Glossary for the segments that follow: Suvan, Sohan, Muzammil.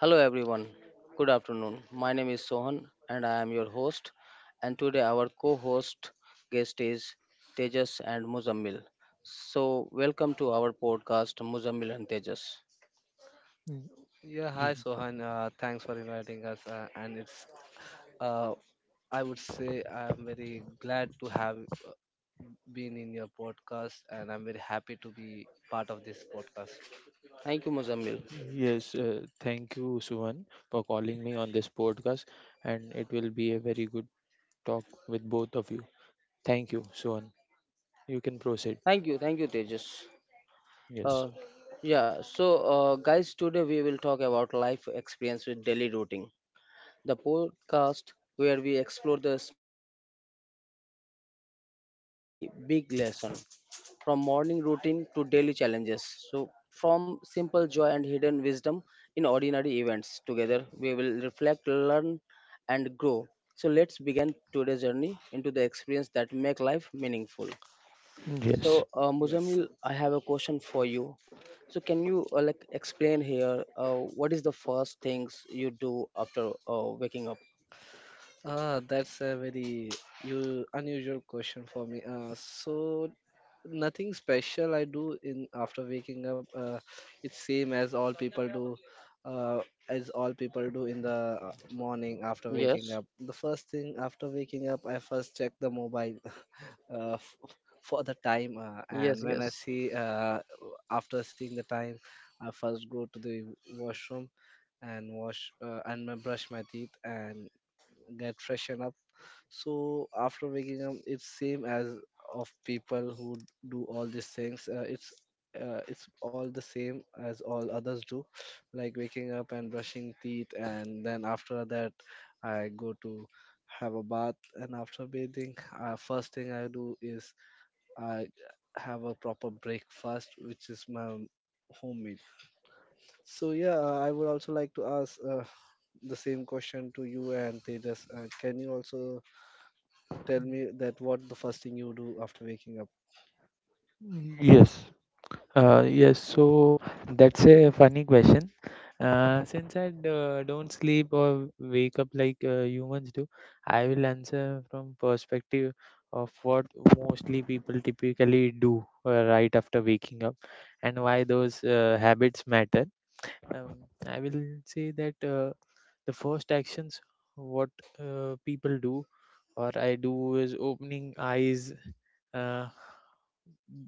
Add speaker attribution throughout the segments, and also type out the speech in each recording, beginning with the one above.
Speaker 1: Hello everyone. Good afternoon. My name is Sohan and I am your host. And today our co-host guest is Tejas and Muzammil. So welcome to our podcast Muzammil and Tejas.
Speaker 2: Mm,
Speaker 3: Yeah, hi
Speaker 2: y-
Speaker 3: Sohan. Thanks for inviting us. Uh, I would say, I'm very glad to have been in your podcast, and I'm very happy to be part of this podcast.
Speaker 1: Thank you Muzammil.
Speaker 2: Yes, thank you, Suvan, for calling me on this podcast, and it will be a very good talk with both of you. Thank you, Suvan. You can proceed.
Speaker 1: Thank you Tejas.
Speaker 2: Yes.
Speaker 1: Uh, yeah. So guys, today we will talk about life experience with daily routine, the podcast where we explore the small moments of everyday life that carry big lessons, from morning routine to daily challenges. So, from simple joy and hidden wisdom in ordinary events, together we will reflect, learn, and grow. So, let's begin today's journey into the experience that make life meaningful.
Speaker 2: Yes.
Speaker 1: So,
Speaker 3: Yes.
Speaker 1: Muzamil, I have a question for you. So, can you like explain here what is the first things you do after waking up?
Speaker 3: That's a very unusual question for me. So nothing special I do in after waking up. It's same as all people do, uh, in the morning after waking
Speaker 1: Yes,
Speaker 3: up. The first thing after waking up, I first check the mobile uh, f- for the time, and
Speaker 1: yes,
Speaker 3: when I
Speaker 1: yes,
Speaker 3: see after seeing the time, I first go to the washroom and wash brush my teeth and get freshen up. So after waking up, it's same as of people who do all these things. It's all the same as all others do, like waking up and brushing teeth, and then after that I go to have a bath. And after bathing, first thing I do is I have a proper breakfast, which is my homemade. So yeah, I would also like to ask the same question to you and Tejas. Can you also tell me that what the first thing you do after waking up.
Speaker 2: Yes. Yes, so that's a funny question. Since I don't sleep or wake up like humans do, I will answer from perspective of what mostly people typically do right after waking up and why those habits matter. Um, I will say that the first actions what people do or I do is opening eyes. Uh,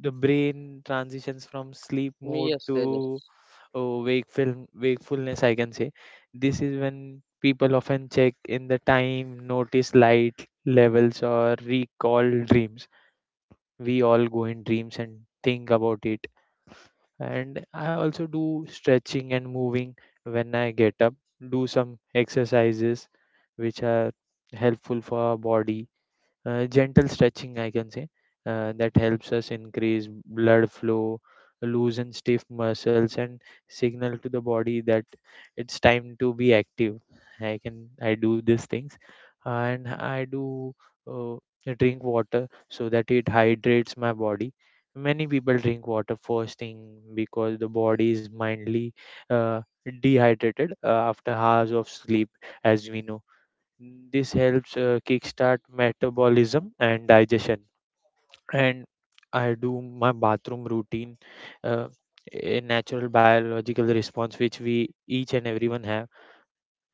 Speaker 2: the brain transitions from sleep mode
Speaker 1: yes,
Speaker 2: to
Speaker 1: Tejas.
Speaker 2: oh, wakefulness. I can say this is when people often check in the time, notice light levels, or recall dreams. We all go in dreams and think about it, and I also do stretching and moving when I get up, do some exercises which are helpful for our body, gentle stretching I can say, that helps us increase blood flow, loosen stiff muscles, and signal to the body that it's time to be active. I do these things, and I do uh, drink water so that it hydrates my body. Many people drink water first thing because the body is mildly uh, dehydrated after hours of sleep, as we know. This helps kickstart metabolism and digestion. And I do my bathroom routine, uh, a natural biological response which we each and everyone have,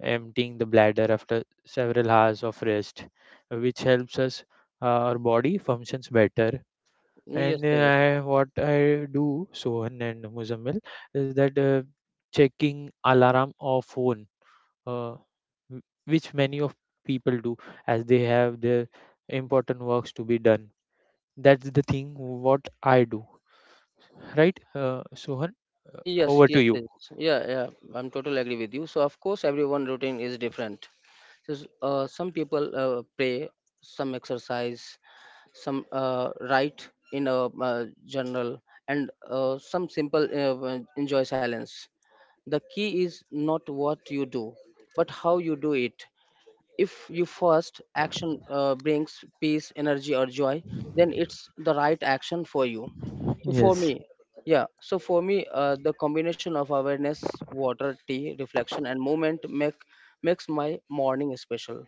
Speaker 2: emptying the bladder after several hours of rest, which helps us, our body functions better. And
Speaker 1: Yes, Tejas.
Speaker 2: I, what I do, Sohan and Muzammil, is that checking alarm or phone. Uh, which many of people do as they have their important works to be done. That's the thing what I do, right, Sohan? Uh,
Speaker 1: Eh, yes,
Speaker 2: over
Speaker 1: yes,
Speaker 2: to you.
Speaker 1: Tejas. Yeah, yeah, I'm totally agree with you. So of course, everyone routine is different. So, some people pray, some exercise, some write in a journal, and some simple enjoy silence. The key is not what you do, but how you do it. If your first action brings peace energy or joy, then it's the right action for you. So for me,
Speaker 2: Yes.
Speaker 1: yeah, so for me, the combination of awareness water tea reflection and movement makes my morning special.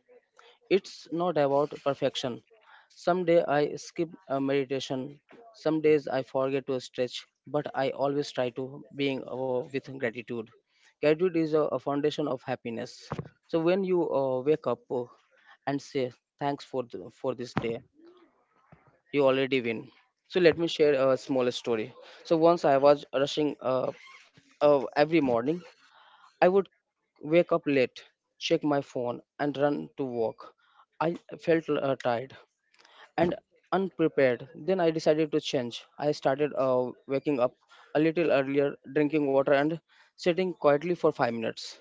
Speaker 1: It's not about perfection. Some day I skip a meditation. Some days I forget to stretch, but I always try to being with gratitude. Gratitude is a foundation of happiness. So when you wake up and say thanks for this day, you already win. So let me share a small story. So once I was rushing, every morning I would wake up late, check my phone, and run to work. I felt tired, and unprepared. Then I decided to change. I started waking up a little earlier, drinking water, and sitting quietly for 5 minutes.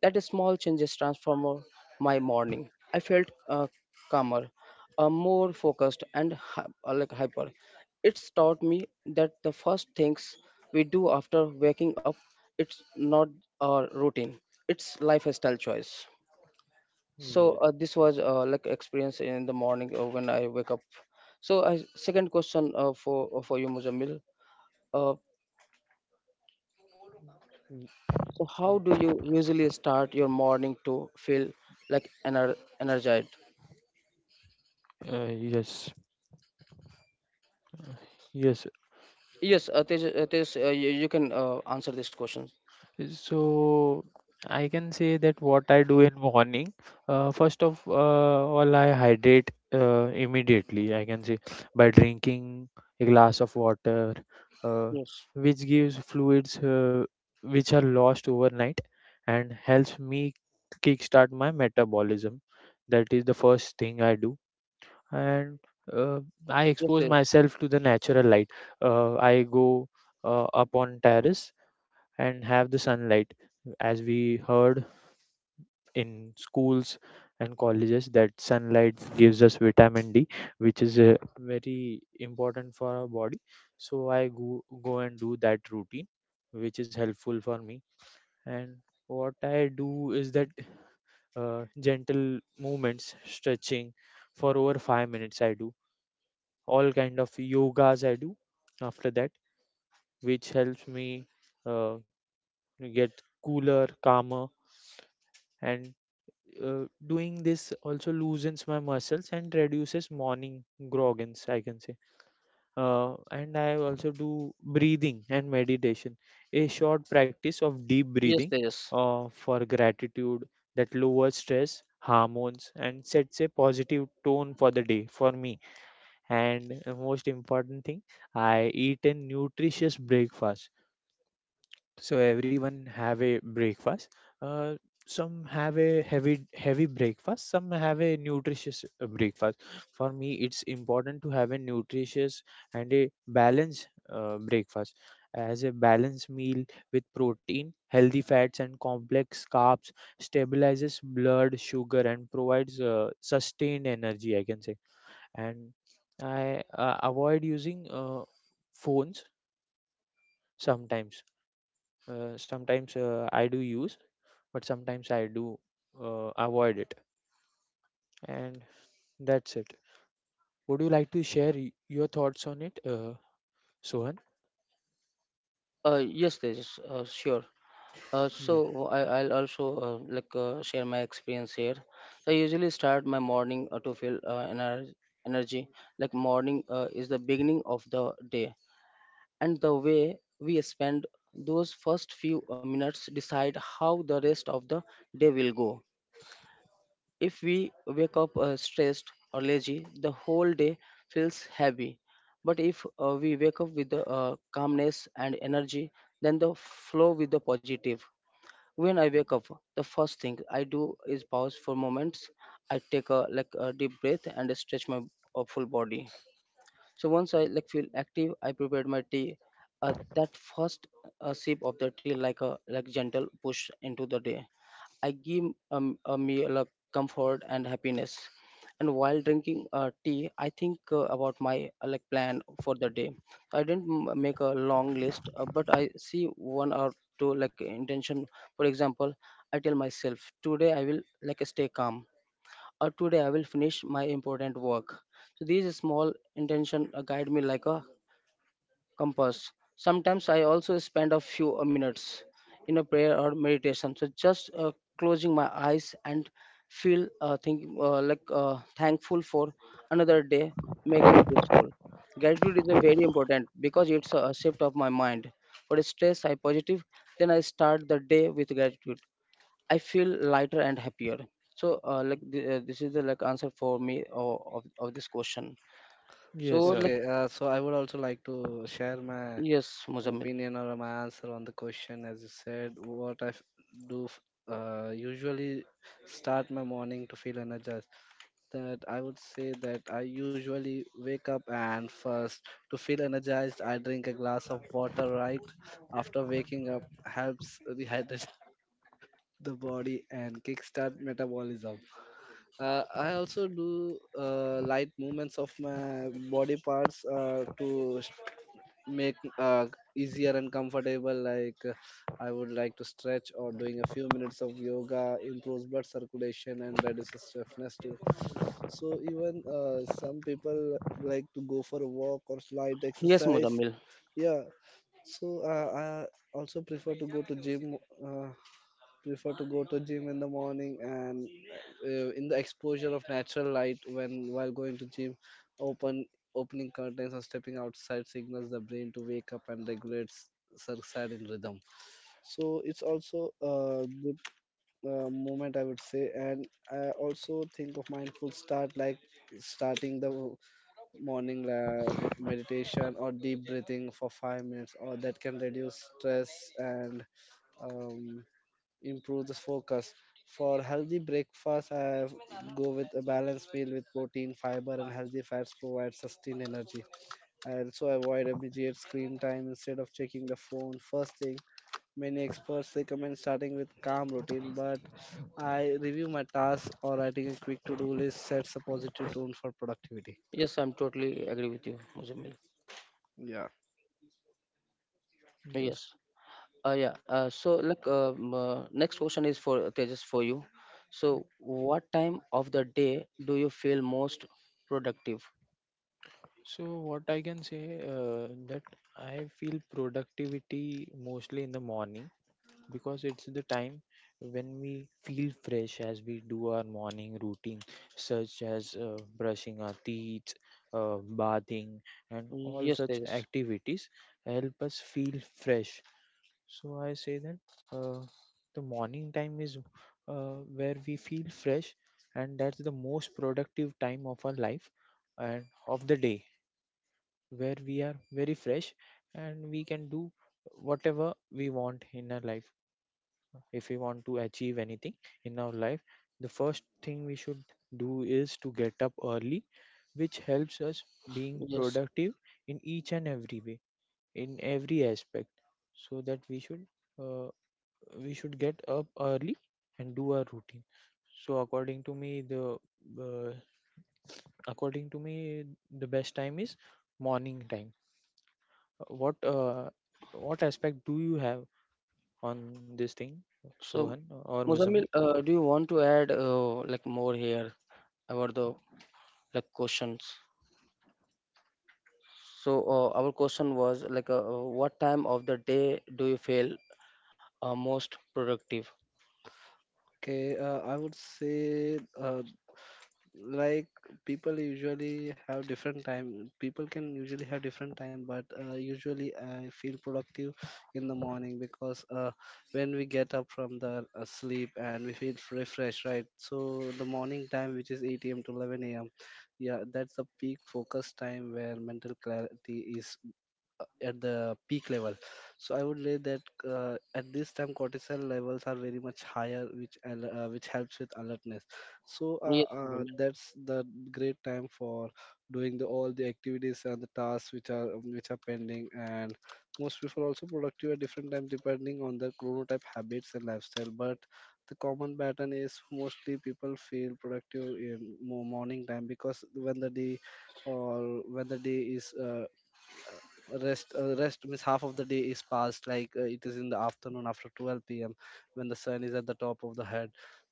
Speaker 1: That small changes transformed my morning. I felt calmer, more focused, and like hyper. It's taught me that the first things we do after waking up, it's not a routine. It's lifestyle choice. So this was like experience in the morning when I wake up. So I, second question for you Muzammil. uh, so how do you usually start your morning to feel like energized?
Speaker 2: uh, yes. uh, yes.
Speaker 1: Yes, Tej, Tej, you can answer this question.
Speaker 2: So I can say that what I do in morning, first of all, I hydrate immediately. I can say by drinking a glass of water, uh,
Speaker 1: Yes,
Speaker 2: which gives fluids which are lost overnight and helps me kickstart my metabolism. That is the first thing I do, and uh, I
Speaker 1: yes,
Speaker 2: expose
Speaker 1: Tej.
Speaker 2: myself to the natural light. I go up on terrace and have the sunlight, as we heard in schools and colleges that sunlight gives us vitamin D, which is very important for our body. So I go, go and do that routine, which is helpful for me. And what I do is that gentle movements, stretching, for over 5 minutes I do, all kind of yogas I do after that, which helps me uh, get cooler, calmer. And doing this also loosens my muscles and reduces morning groggins, I can say. And I also do breathing and meditation, a short practice of deep
Speaker 1: Yes,
Speaker 2: breathing
Speaker 1: Tejas.
Speaker 2: for gratitude that lowers stress hormones and sets a positive tone for the day for me. And most important thing, I eat a nutritious breakfast. So everyone have a breakfast. uh, some have a heavy, heavy breakfast, some have a nutritious breakfast. For me it's important to have a nutritious and a balanced breakfast, as a balanced meal with protein, healthy fats, and complex carbs stabilizes blood sugar and provides sustained energy, I can say. And I avoid using phones sometimes. I do use, but sometimes I do avoid it. And that's it. Would you like to share your thoughts on it, Sohan?
Speaker 1: Yes, Tejas. Sure. So
Speaker 2: Ye-
Speaker 1: oh, I'll also like share my experience here. So, I usually start my morning to feel energy. Like morning is the beginning of the day, and the way we spend those first few minutes decide how the rest of the day will go. If we wake up stressed or lazy, the whole day feels heavy. But if we wake up with the calmness and energy, then the flow with the positive. When I wake up, the first thing I do is pause for moments. I take a like a deep breath and stretch my full body. So once I like feel active, I prepared my tea. That first sip of the tea like a like gentle push into the day. I give a meal a comfort and happiness. And while drinking tea, I think about my like plan for the day. I didn't make a long list, but I see one or two like intention. For example, I tell myself today I will like stay calm, or today I will finish my important work. So these small intention guide me like a compass. Sometimes I also spend a few minutes in a prayer or meditation. So just closing my eyes and feel think, like thankful for another day make me peaceful. Gratitude is a very important because it's a shift of my mind. For stress, I positive. Then I start the day with gratitude. I feel lighter and happier. So like this is the like answer for me of this question. So
Speaker 2: yes.
Speaker 1: like
Speaker 3: Okay, so I would also like to share my
Speaker 1: yes, Muzammil.
Speaker 3: opinion or my answer on the question. As you said, what I f- do f- usually start my morning to feel energized. That I would say that I usually wake up and first to feel energized, I drink a glass of water. Right after waking up, helps rehydrate the body and kickstart metabolism. I also do light movements of my body parts make easier and comfortable. I would like to stretch or doing a few minutes of yoga improves blood circulation and reduces stiffness too. So even some people like to go for a walk or light
Speaker 1: Yes,
Speaker 3: exercise.
Speaker 1: Muzammil.
Speaker 3: Yeah. So I also prefer to go to gym. Uh, Prefer to go to gym in the morning and in the exposure of natural light when while going to gym open opening curtains or stepping outside signals the brain to wake up and regulates circadian rhythm. So it's also a good moment, I would say. And I also think of mindful start, like starting the morning with meditation or deep breathing for 5 minutes or that can reduce stress and um, improve the focus. For healthy breakfast, I go with a balanced meal with protein, fiber, and healthy fats provide sustained energy. I also avoid immediate screen time instead of checking the phone first thing. Many experts recommend starting with calm routine, but I review my tasks or writing a quick to-do list sets a positive tone for productivity.
Speaker 1: Yes, I'm totally agree with you, Muzammil.
Speaker 3: Yeah.
Speaker 2: Yes,
Speaker 1: Yes. Yeah. So, like, next question is for Tejas for you. So, what time of the day do you feel most productive?
Speaker 2: so what I can say uh, that I feel productivity mostly in the morning because it's the time when we feel fresh as we do our morning routine, such as brushing our teeth, bathing, and all
Speaker 1: Yes,
Speaker 2: such
Speaker 1: Tejas.
Speaker 2: activities help us feel fresh. So I say that uh, the morning time is where we feel fresh, and that's the most productive time of our life and of the day, where we are very fresh and we can do whatever we want in our life. If we want to achieve anything in our life, the first thing we should do is to get up early, which helps us being
Speaker 1: Yes.
Speaker 2: productive in each and every way, in every aspect. So that uh, we should get up early and do our routine. So uh, according to me, the best time is morning time. what uh, what aspect do you have on this thing,
Speaker 1: So,
Speaker 2: Sohan or
Speaker 1: Muzammil,
Speaker 2: Muzammil?
Speaker 1: do you want to add like more here about the like questions? So, our question was like, what time of the day do you feel most productive?
Speaker 3: Okay, I would say like people usually have different time, but usually I feel productive in the morning because when we get up from the sleep and we feel refreshed, right? So the morning time, which is 8 a.m to 11 a.m, yeah, that's the peak focus time where mental clarity is at the peak level. So I would say that at this time cortisol levels are very much higher, which helps with alertness. so uh,
Speaker 1: Yes,
Speaker 3: uh,
Speaker 1: Muzammil.
Speaker 3: that's the great time for doing all the activities and the tasks which are pending. And most people also productive at different times depending on their chronotype habits and lifestyle, but the common pattern is mostly people feel productive in morning time, because when the day or when the day is rest rest means half of the day is passed, it is in the afternoon after 12 p.m when the sun is at the top of the head.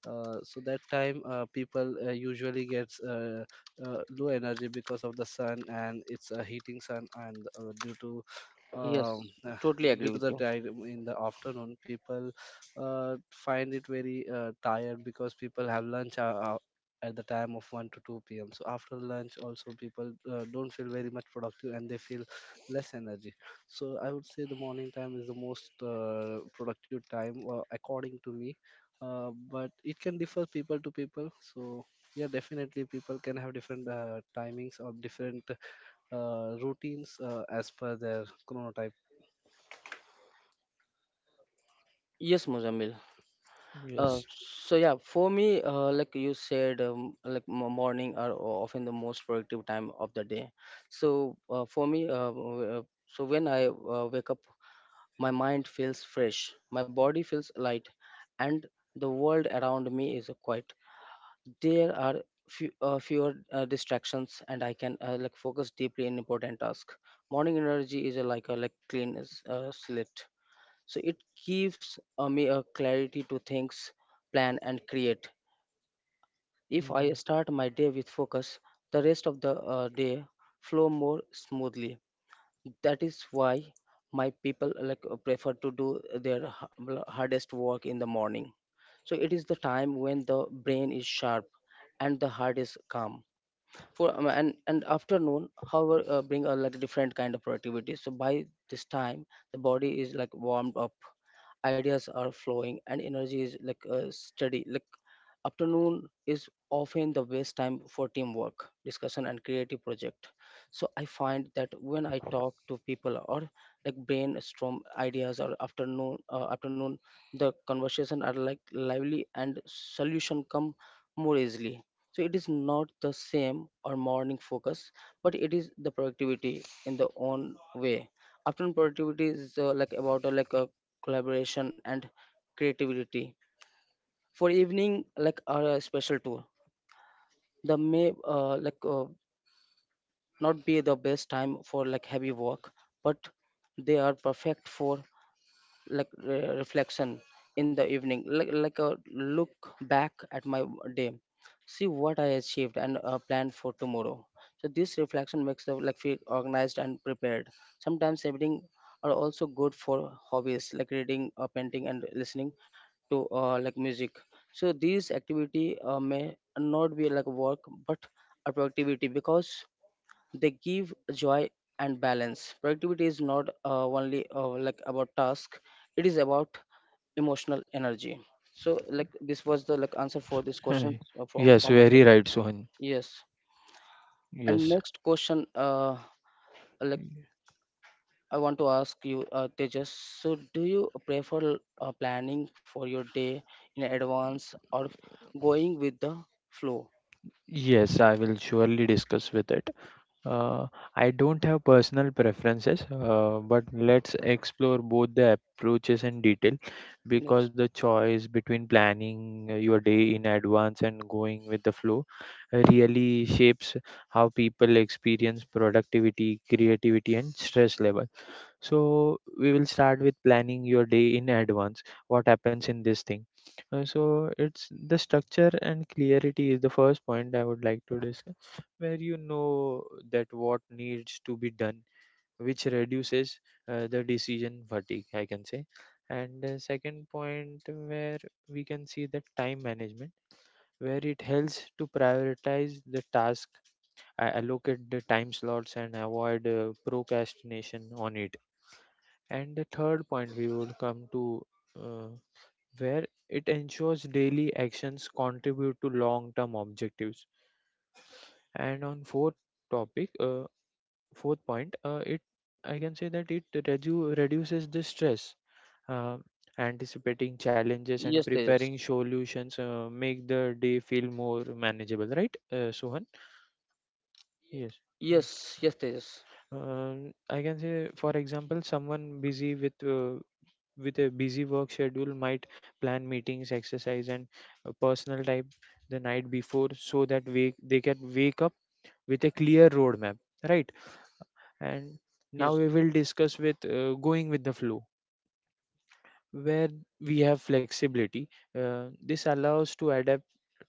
Speaker 3: So that time people usually gets low energy because of the sun, and it's a heating sun. And due to um,
Speaker 1: Yes,
Speaker 3: uh,
Speaker 1: totally agree
Speaker 3: due to
Speaker 1: with
Speaker 3: the
Speaker 1: you.
Speaker 3: time in the afternoon, people find it very tired because people have lunch at the time of 1 to 2 p.m. So after lunch also people don't feel very much productive and they feel less energy. So I would say the morning time is the most productive time, according to me. But it can differ people to people. So yeah, definitely people can have different timings or different routines, as per their chronotype.
Speaker 1: Yes, Muzammil. Uh,
Speaker 2: Yes.
Speaker 1: so yeah, for me, like you said, like morning are often the most productive time of the day. So for me, so when I wake up, my mind feels fresh, my body feels light, and the world around me is quiet. There are fewer distractions, and I can like focus deeply in important tasks. Morning energy is like a like clean slate, so it gives me a clarity to think, plan and create. If I
Speaker 2: Mm.
Speaker 1: start my day with focus, the rest of the day flow more smoothly. That is why my people like prefer to do their hardest work in the morning. So it is the time when the brain is sharp and the heart is calm. For and afternoon however bring a like different kind of productivity. So by this time the body is like warmed up, ideas are flowing, and energy is like steady. Like afternoon is often the best time for teamwork discussion and creative project. So I find that when I talk to people or like brainstorm ideas or afternoon the conversation are like lively and solution come more easily. So it is not the same or morning focus, but it is the productivity in the own way. Afternoon productivity is like about like a collaboration and creativity. For evening like our special tour the may like not be the best time for like heavy work, but they are perfect for like reflection. In the evening like a look back at my day, see what I achieved and plan for tomorrow. So this reflection makes the like feel organized and prepared. Sometimes evening are also good for hobbies like reading painting and listening to like music. So these activity may not be like work, but a productivity because they give joy and balance. Productivity is not only like about task; it is about emotional energy. So, like this was the like answer for this question
Speaker 2: Hey.
Speaker 1: from
Speaker 2: Yes,
Speaker 1: from
Speaker 2: very
Speaker 1: myself.
Speaker 2: right, Sohan.
Speaker 1: Yes. And
Speaker 2: Yes.
Speaker 1: next question, like I want to ask you, Tejas. So, do you prefer planning for your day in advance or going with the flow?
Speaker 2: Yes, I will surely discuss with it. Uh, I don't have personal preferences, but let's explore both the approaches in detail, because
Speaker 1: Yes.
Speaker 2: the choice between planning your day in advance and going with the flow really shapes how people experience productivity, creativity, and stress level. So we will start with planning your day in advance. What happens in this thing? So it's the structure and clarity is the first point I would like to discuss, where you know that what needs to be done, which reduces the decision fatigue, I can say. And the second point, where we can see the time management, where it helps to prioritize the task, allocate the time slots, and avoid procrastination on it. And the third point we would come to, uh, where it ensures daily actions contribute to long term objectives. And on fourth topic, fourth point, it I can say that it reduces the stress. Uh, Anticipating challenges and
Speaker 1: Yes, Tejas.
Speaker 2: preparing solutions make the day feel more manageable, right, Sohan? Yes. Yes.
Speaker 1: Yes, yes, Tejas.
Speaker 2: I can say, for example, someone busy with a busy work schedule might plan meetings, exercise, and personal time the night before so that they can wake up with a clear roadmap, right? And now
Speaker 1: Yes,
Speaker 2: we will discuss with going with the flow, where we have flexibility. This allows to adapt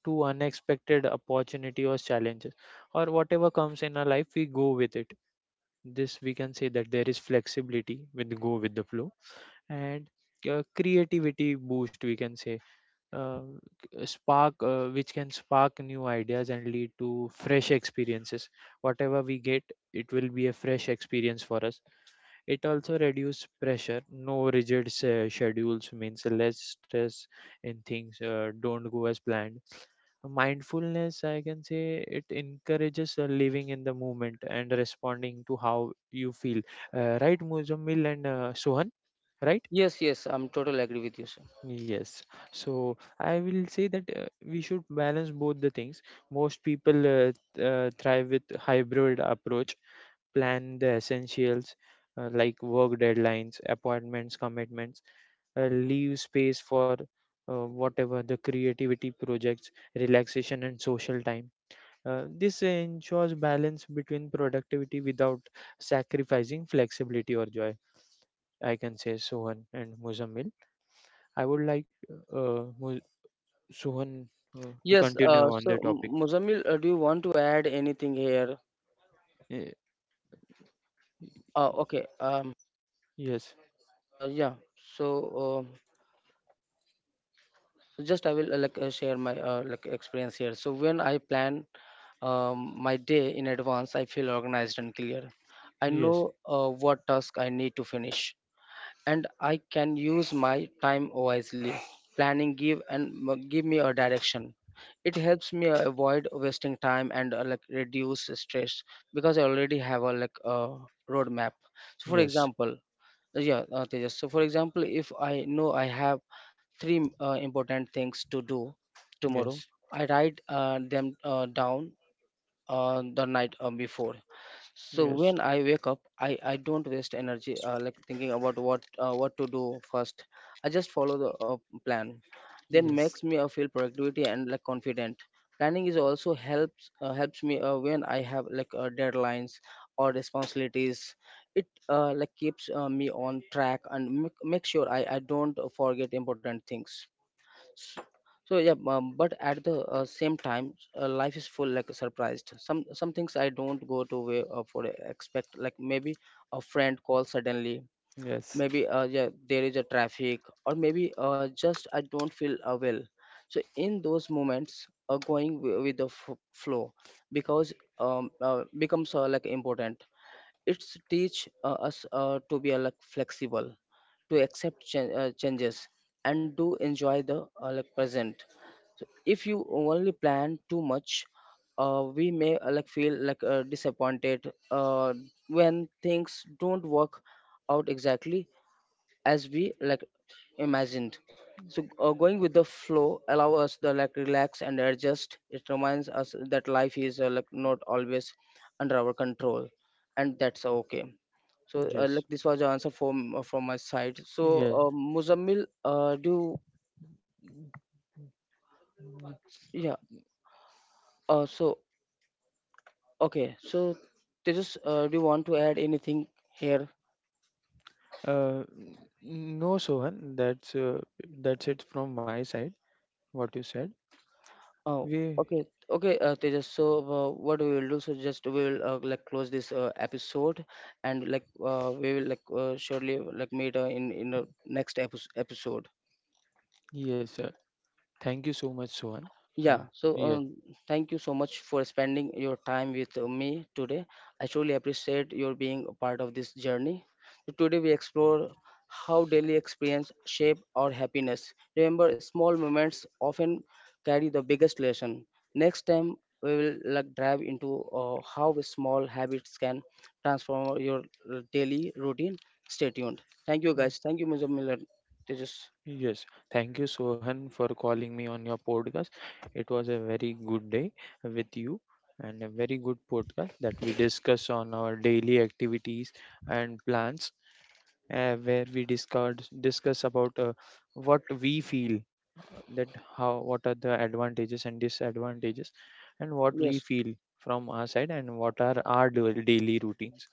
Speaker 2: to unexpected opportunity or challenges, or whatever comes in our life we go with it. This we can say that there is flexibility with go with the flow. And creativity boost we can say, uh, spark which can spark new ideas and lead to fresh experiences. Whatever we get, it will be a fresh experience for us. It also reduces pressure. No rigid schedules means less stress in things don't go as planned. Mindfulness I can say, it encourages living in the moment and responding to how you feel, right, Muzammil and Sohan? Right.
Speaker 1: yes, yes. I'm totally agree with you, sir.
Speaker 2: Yes, so I will say that we should balance both the things. Most people thrive with hybrid approach, plan the essentials like work deadlines, appointments, commitments, leave space for whatever the creativity projects, relaxation, and social time. This ensures balance between productivity without sacrificing flexibility or joy, I can say, Sohan and Muzammil. I would like uh, Mu- Sohan, to
Speaker 1: Yes,
Speaker 2: continue
Speaker 1: uh,
Speaker 2: on
Speaker 1: so
Speaker 2: the topic.
Speaker 1: M- Muzammil, do you want to add anything here?
Speaker 2: Eh,
Speaker 1: Okay,
Speaker 2: yes,
Speaker 1: yeah. So, uh, so just I will like share my like experience here. So when I plan my day in advance, I feel organized and clear. I
Speaker 2: yes,
Speaker 1: know what task I need to finish, and I can use my time wisely. Planning give me a direction. It helps me avoid wasting time and like reduce stress because I already have a like a roadmap. So for
Speaker 2: yes,
Speaker 1: example, yeah, Tejas. So for example, if I know I have three important things to do tomorrow,
Speaker 2: yes,
Speaker 1: I write them down the night before. So
Speaker 2: yes,
Speaker 1: when I wake up, I don't waste energy like thinking about what to do first. I just follow the plan, then
Speaker 2: yes,
Speaker 1: makes me feel productivity and like confident. Planning is also helps me when I have like deadlines or responsibilities. It like keeps me on track and make sure I don't forget important things. So yeah, but at the same time life is full like surprised some things I don't go to way for expect, like maybe a friend calls suddenly.
Speaker 2: yes,
Speaker 1: Maybe yeah there is a traffic, or maybe just I don't feel well. So in those moments going with the flow because becomes like important. It's teach us to be like flexible, to accept changes, and to enjoy the like present. So if you only plan too much, we may like feel like disappointed when things don't work out exactly as we like imagined. So going with the flow allow us to like relax and adjust. It reminds us that life is like not always under our control, and that's okay. So
Speaker 2: yes,
Speaker 1: like this was the answer from my side. So
Speaker 2: yes.
Speaker 1: Muzammil, do yeah. So okay. So Tejas, do you want to add anything here?
Speaker 2: Uh, n- no, Sohan, that's it from my side. What you said,
Speaker 1: Oh,
Speaker 2: we
Speaker 1: okay, okay, Tejas. So, what we will do? So, just we will like close this episode, and like we will like surely like meet in the next episode.
Speaker 2: yes, sir. Thank you so much, Sohan. Uh,
Speaker 1: Yeah, so
Speaker 2: yes.
Speaker 1: thank you so much for spending your time with me today. I truly appreciate your being a part of this journey. So today we explore how daily experience shape our happiness. Remember, small moments often carry the biggest lesson. Next time we will like dive into how small habits can transform your daily routine. Stay tuned. Thank you, guys. Thank you, Mr. Miller. Tejas.
Speaker 2: Yes, thank you, Sohan, for calling me on your podcast. It was a very good day with you, and a very good podcast that we discuss on our daily activities and plans, where we discuss about what we feel, that how what are the advantages and disadvantages, and what we
Speaker 1: Yes.
Speaker 2: feel from our side and what are our daily routines.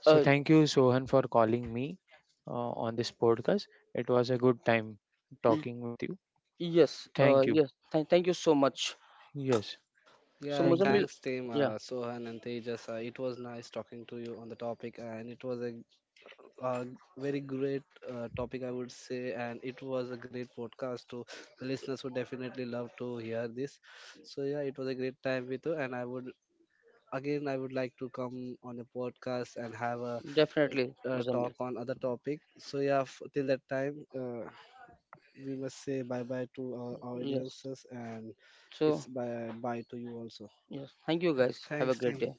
Speaker 2: So
Speaker 1: Uh,
Speaker 2: thank you, Sohan, for calling me on this podcast. It was a good time talking with you.
Speaker 1: Yes,
Speaker 2: Thank you.
Speaker 1: yes. Thank you so much.
Speaker 2: Yes,
Speaker 1: So,
Speaker 3: Yeah,
Speaker 2: thank you.
Speaker 1: Muzammil,
Speaker 3: thanks team,
Speaker 1: yeah,
Speaker 3: Sohan and Tejas. It was nice talking to you on the topic, and it was a uh, very great topic, I would say, and it was a great podcast. To the listeners would definitely love to hear this. So yeah, it was a great time with you, and I would like to come on a podcast and have a,
Speaker 1: definitely,
Speaker 3: talk
Speaker 1: Muzammil.
Speaker 3: on other topic. So yeah, till that time, we must say bye bye to our
Speaker 1: Yes.
Speaker 3: audiences, and it's
Speaker 1: So,
Speaker 3: bye bye to you also.
Speaker 1: yes, thank you guys. Have a
Speaker 3: Thanks,
Speaker 1: great
Speaker 3: team.
Speaker 1: day.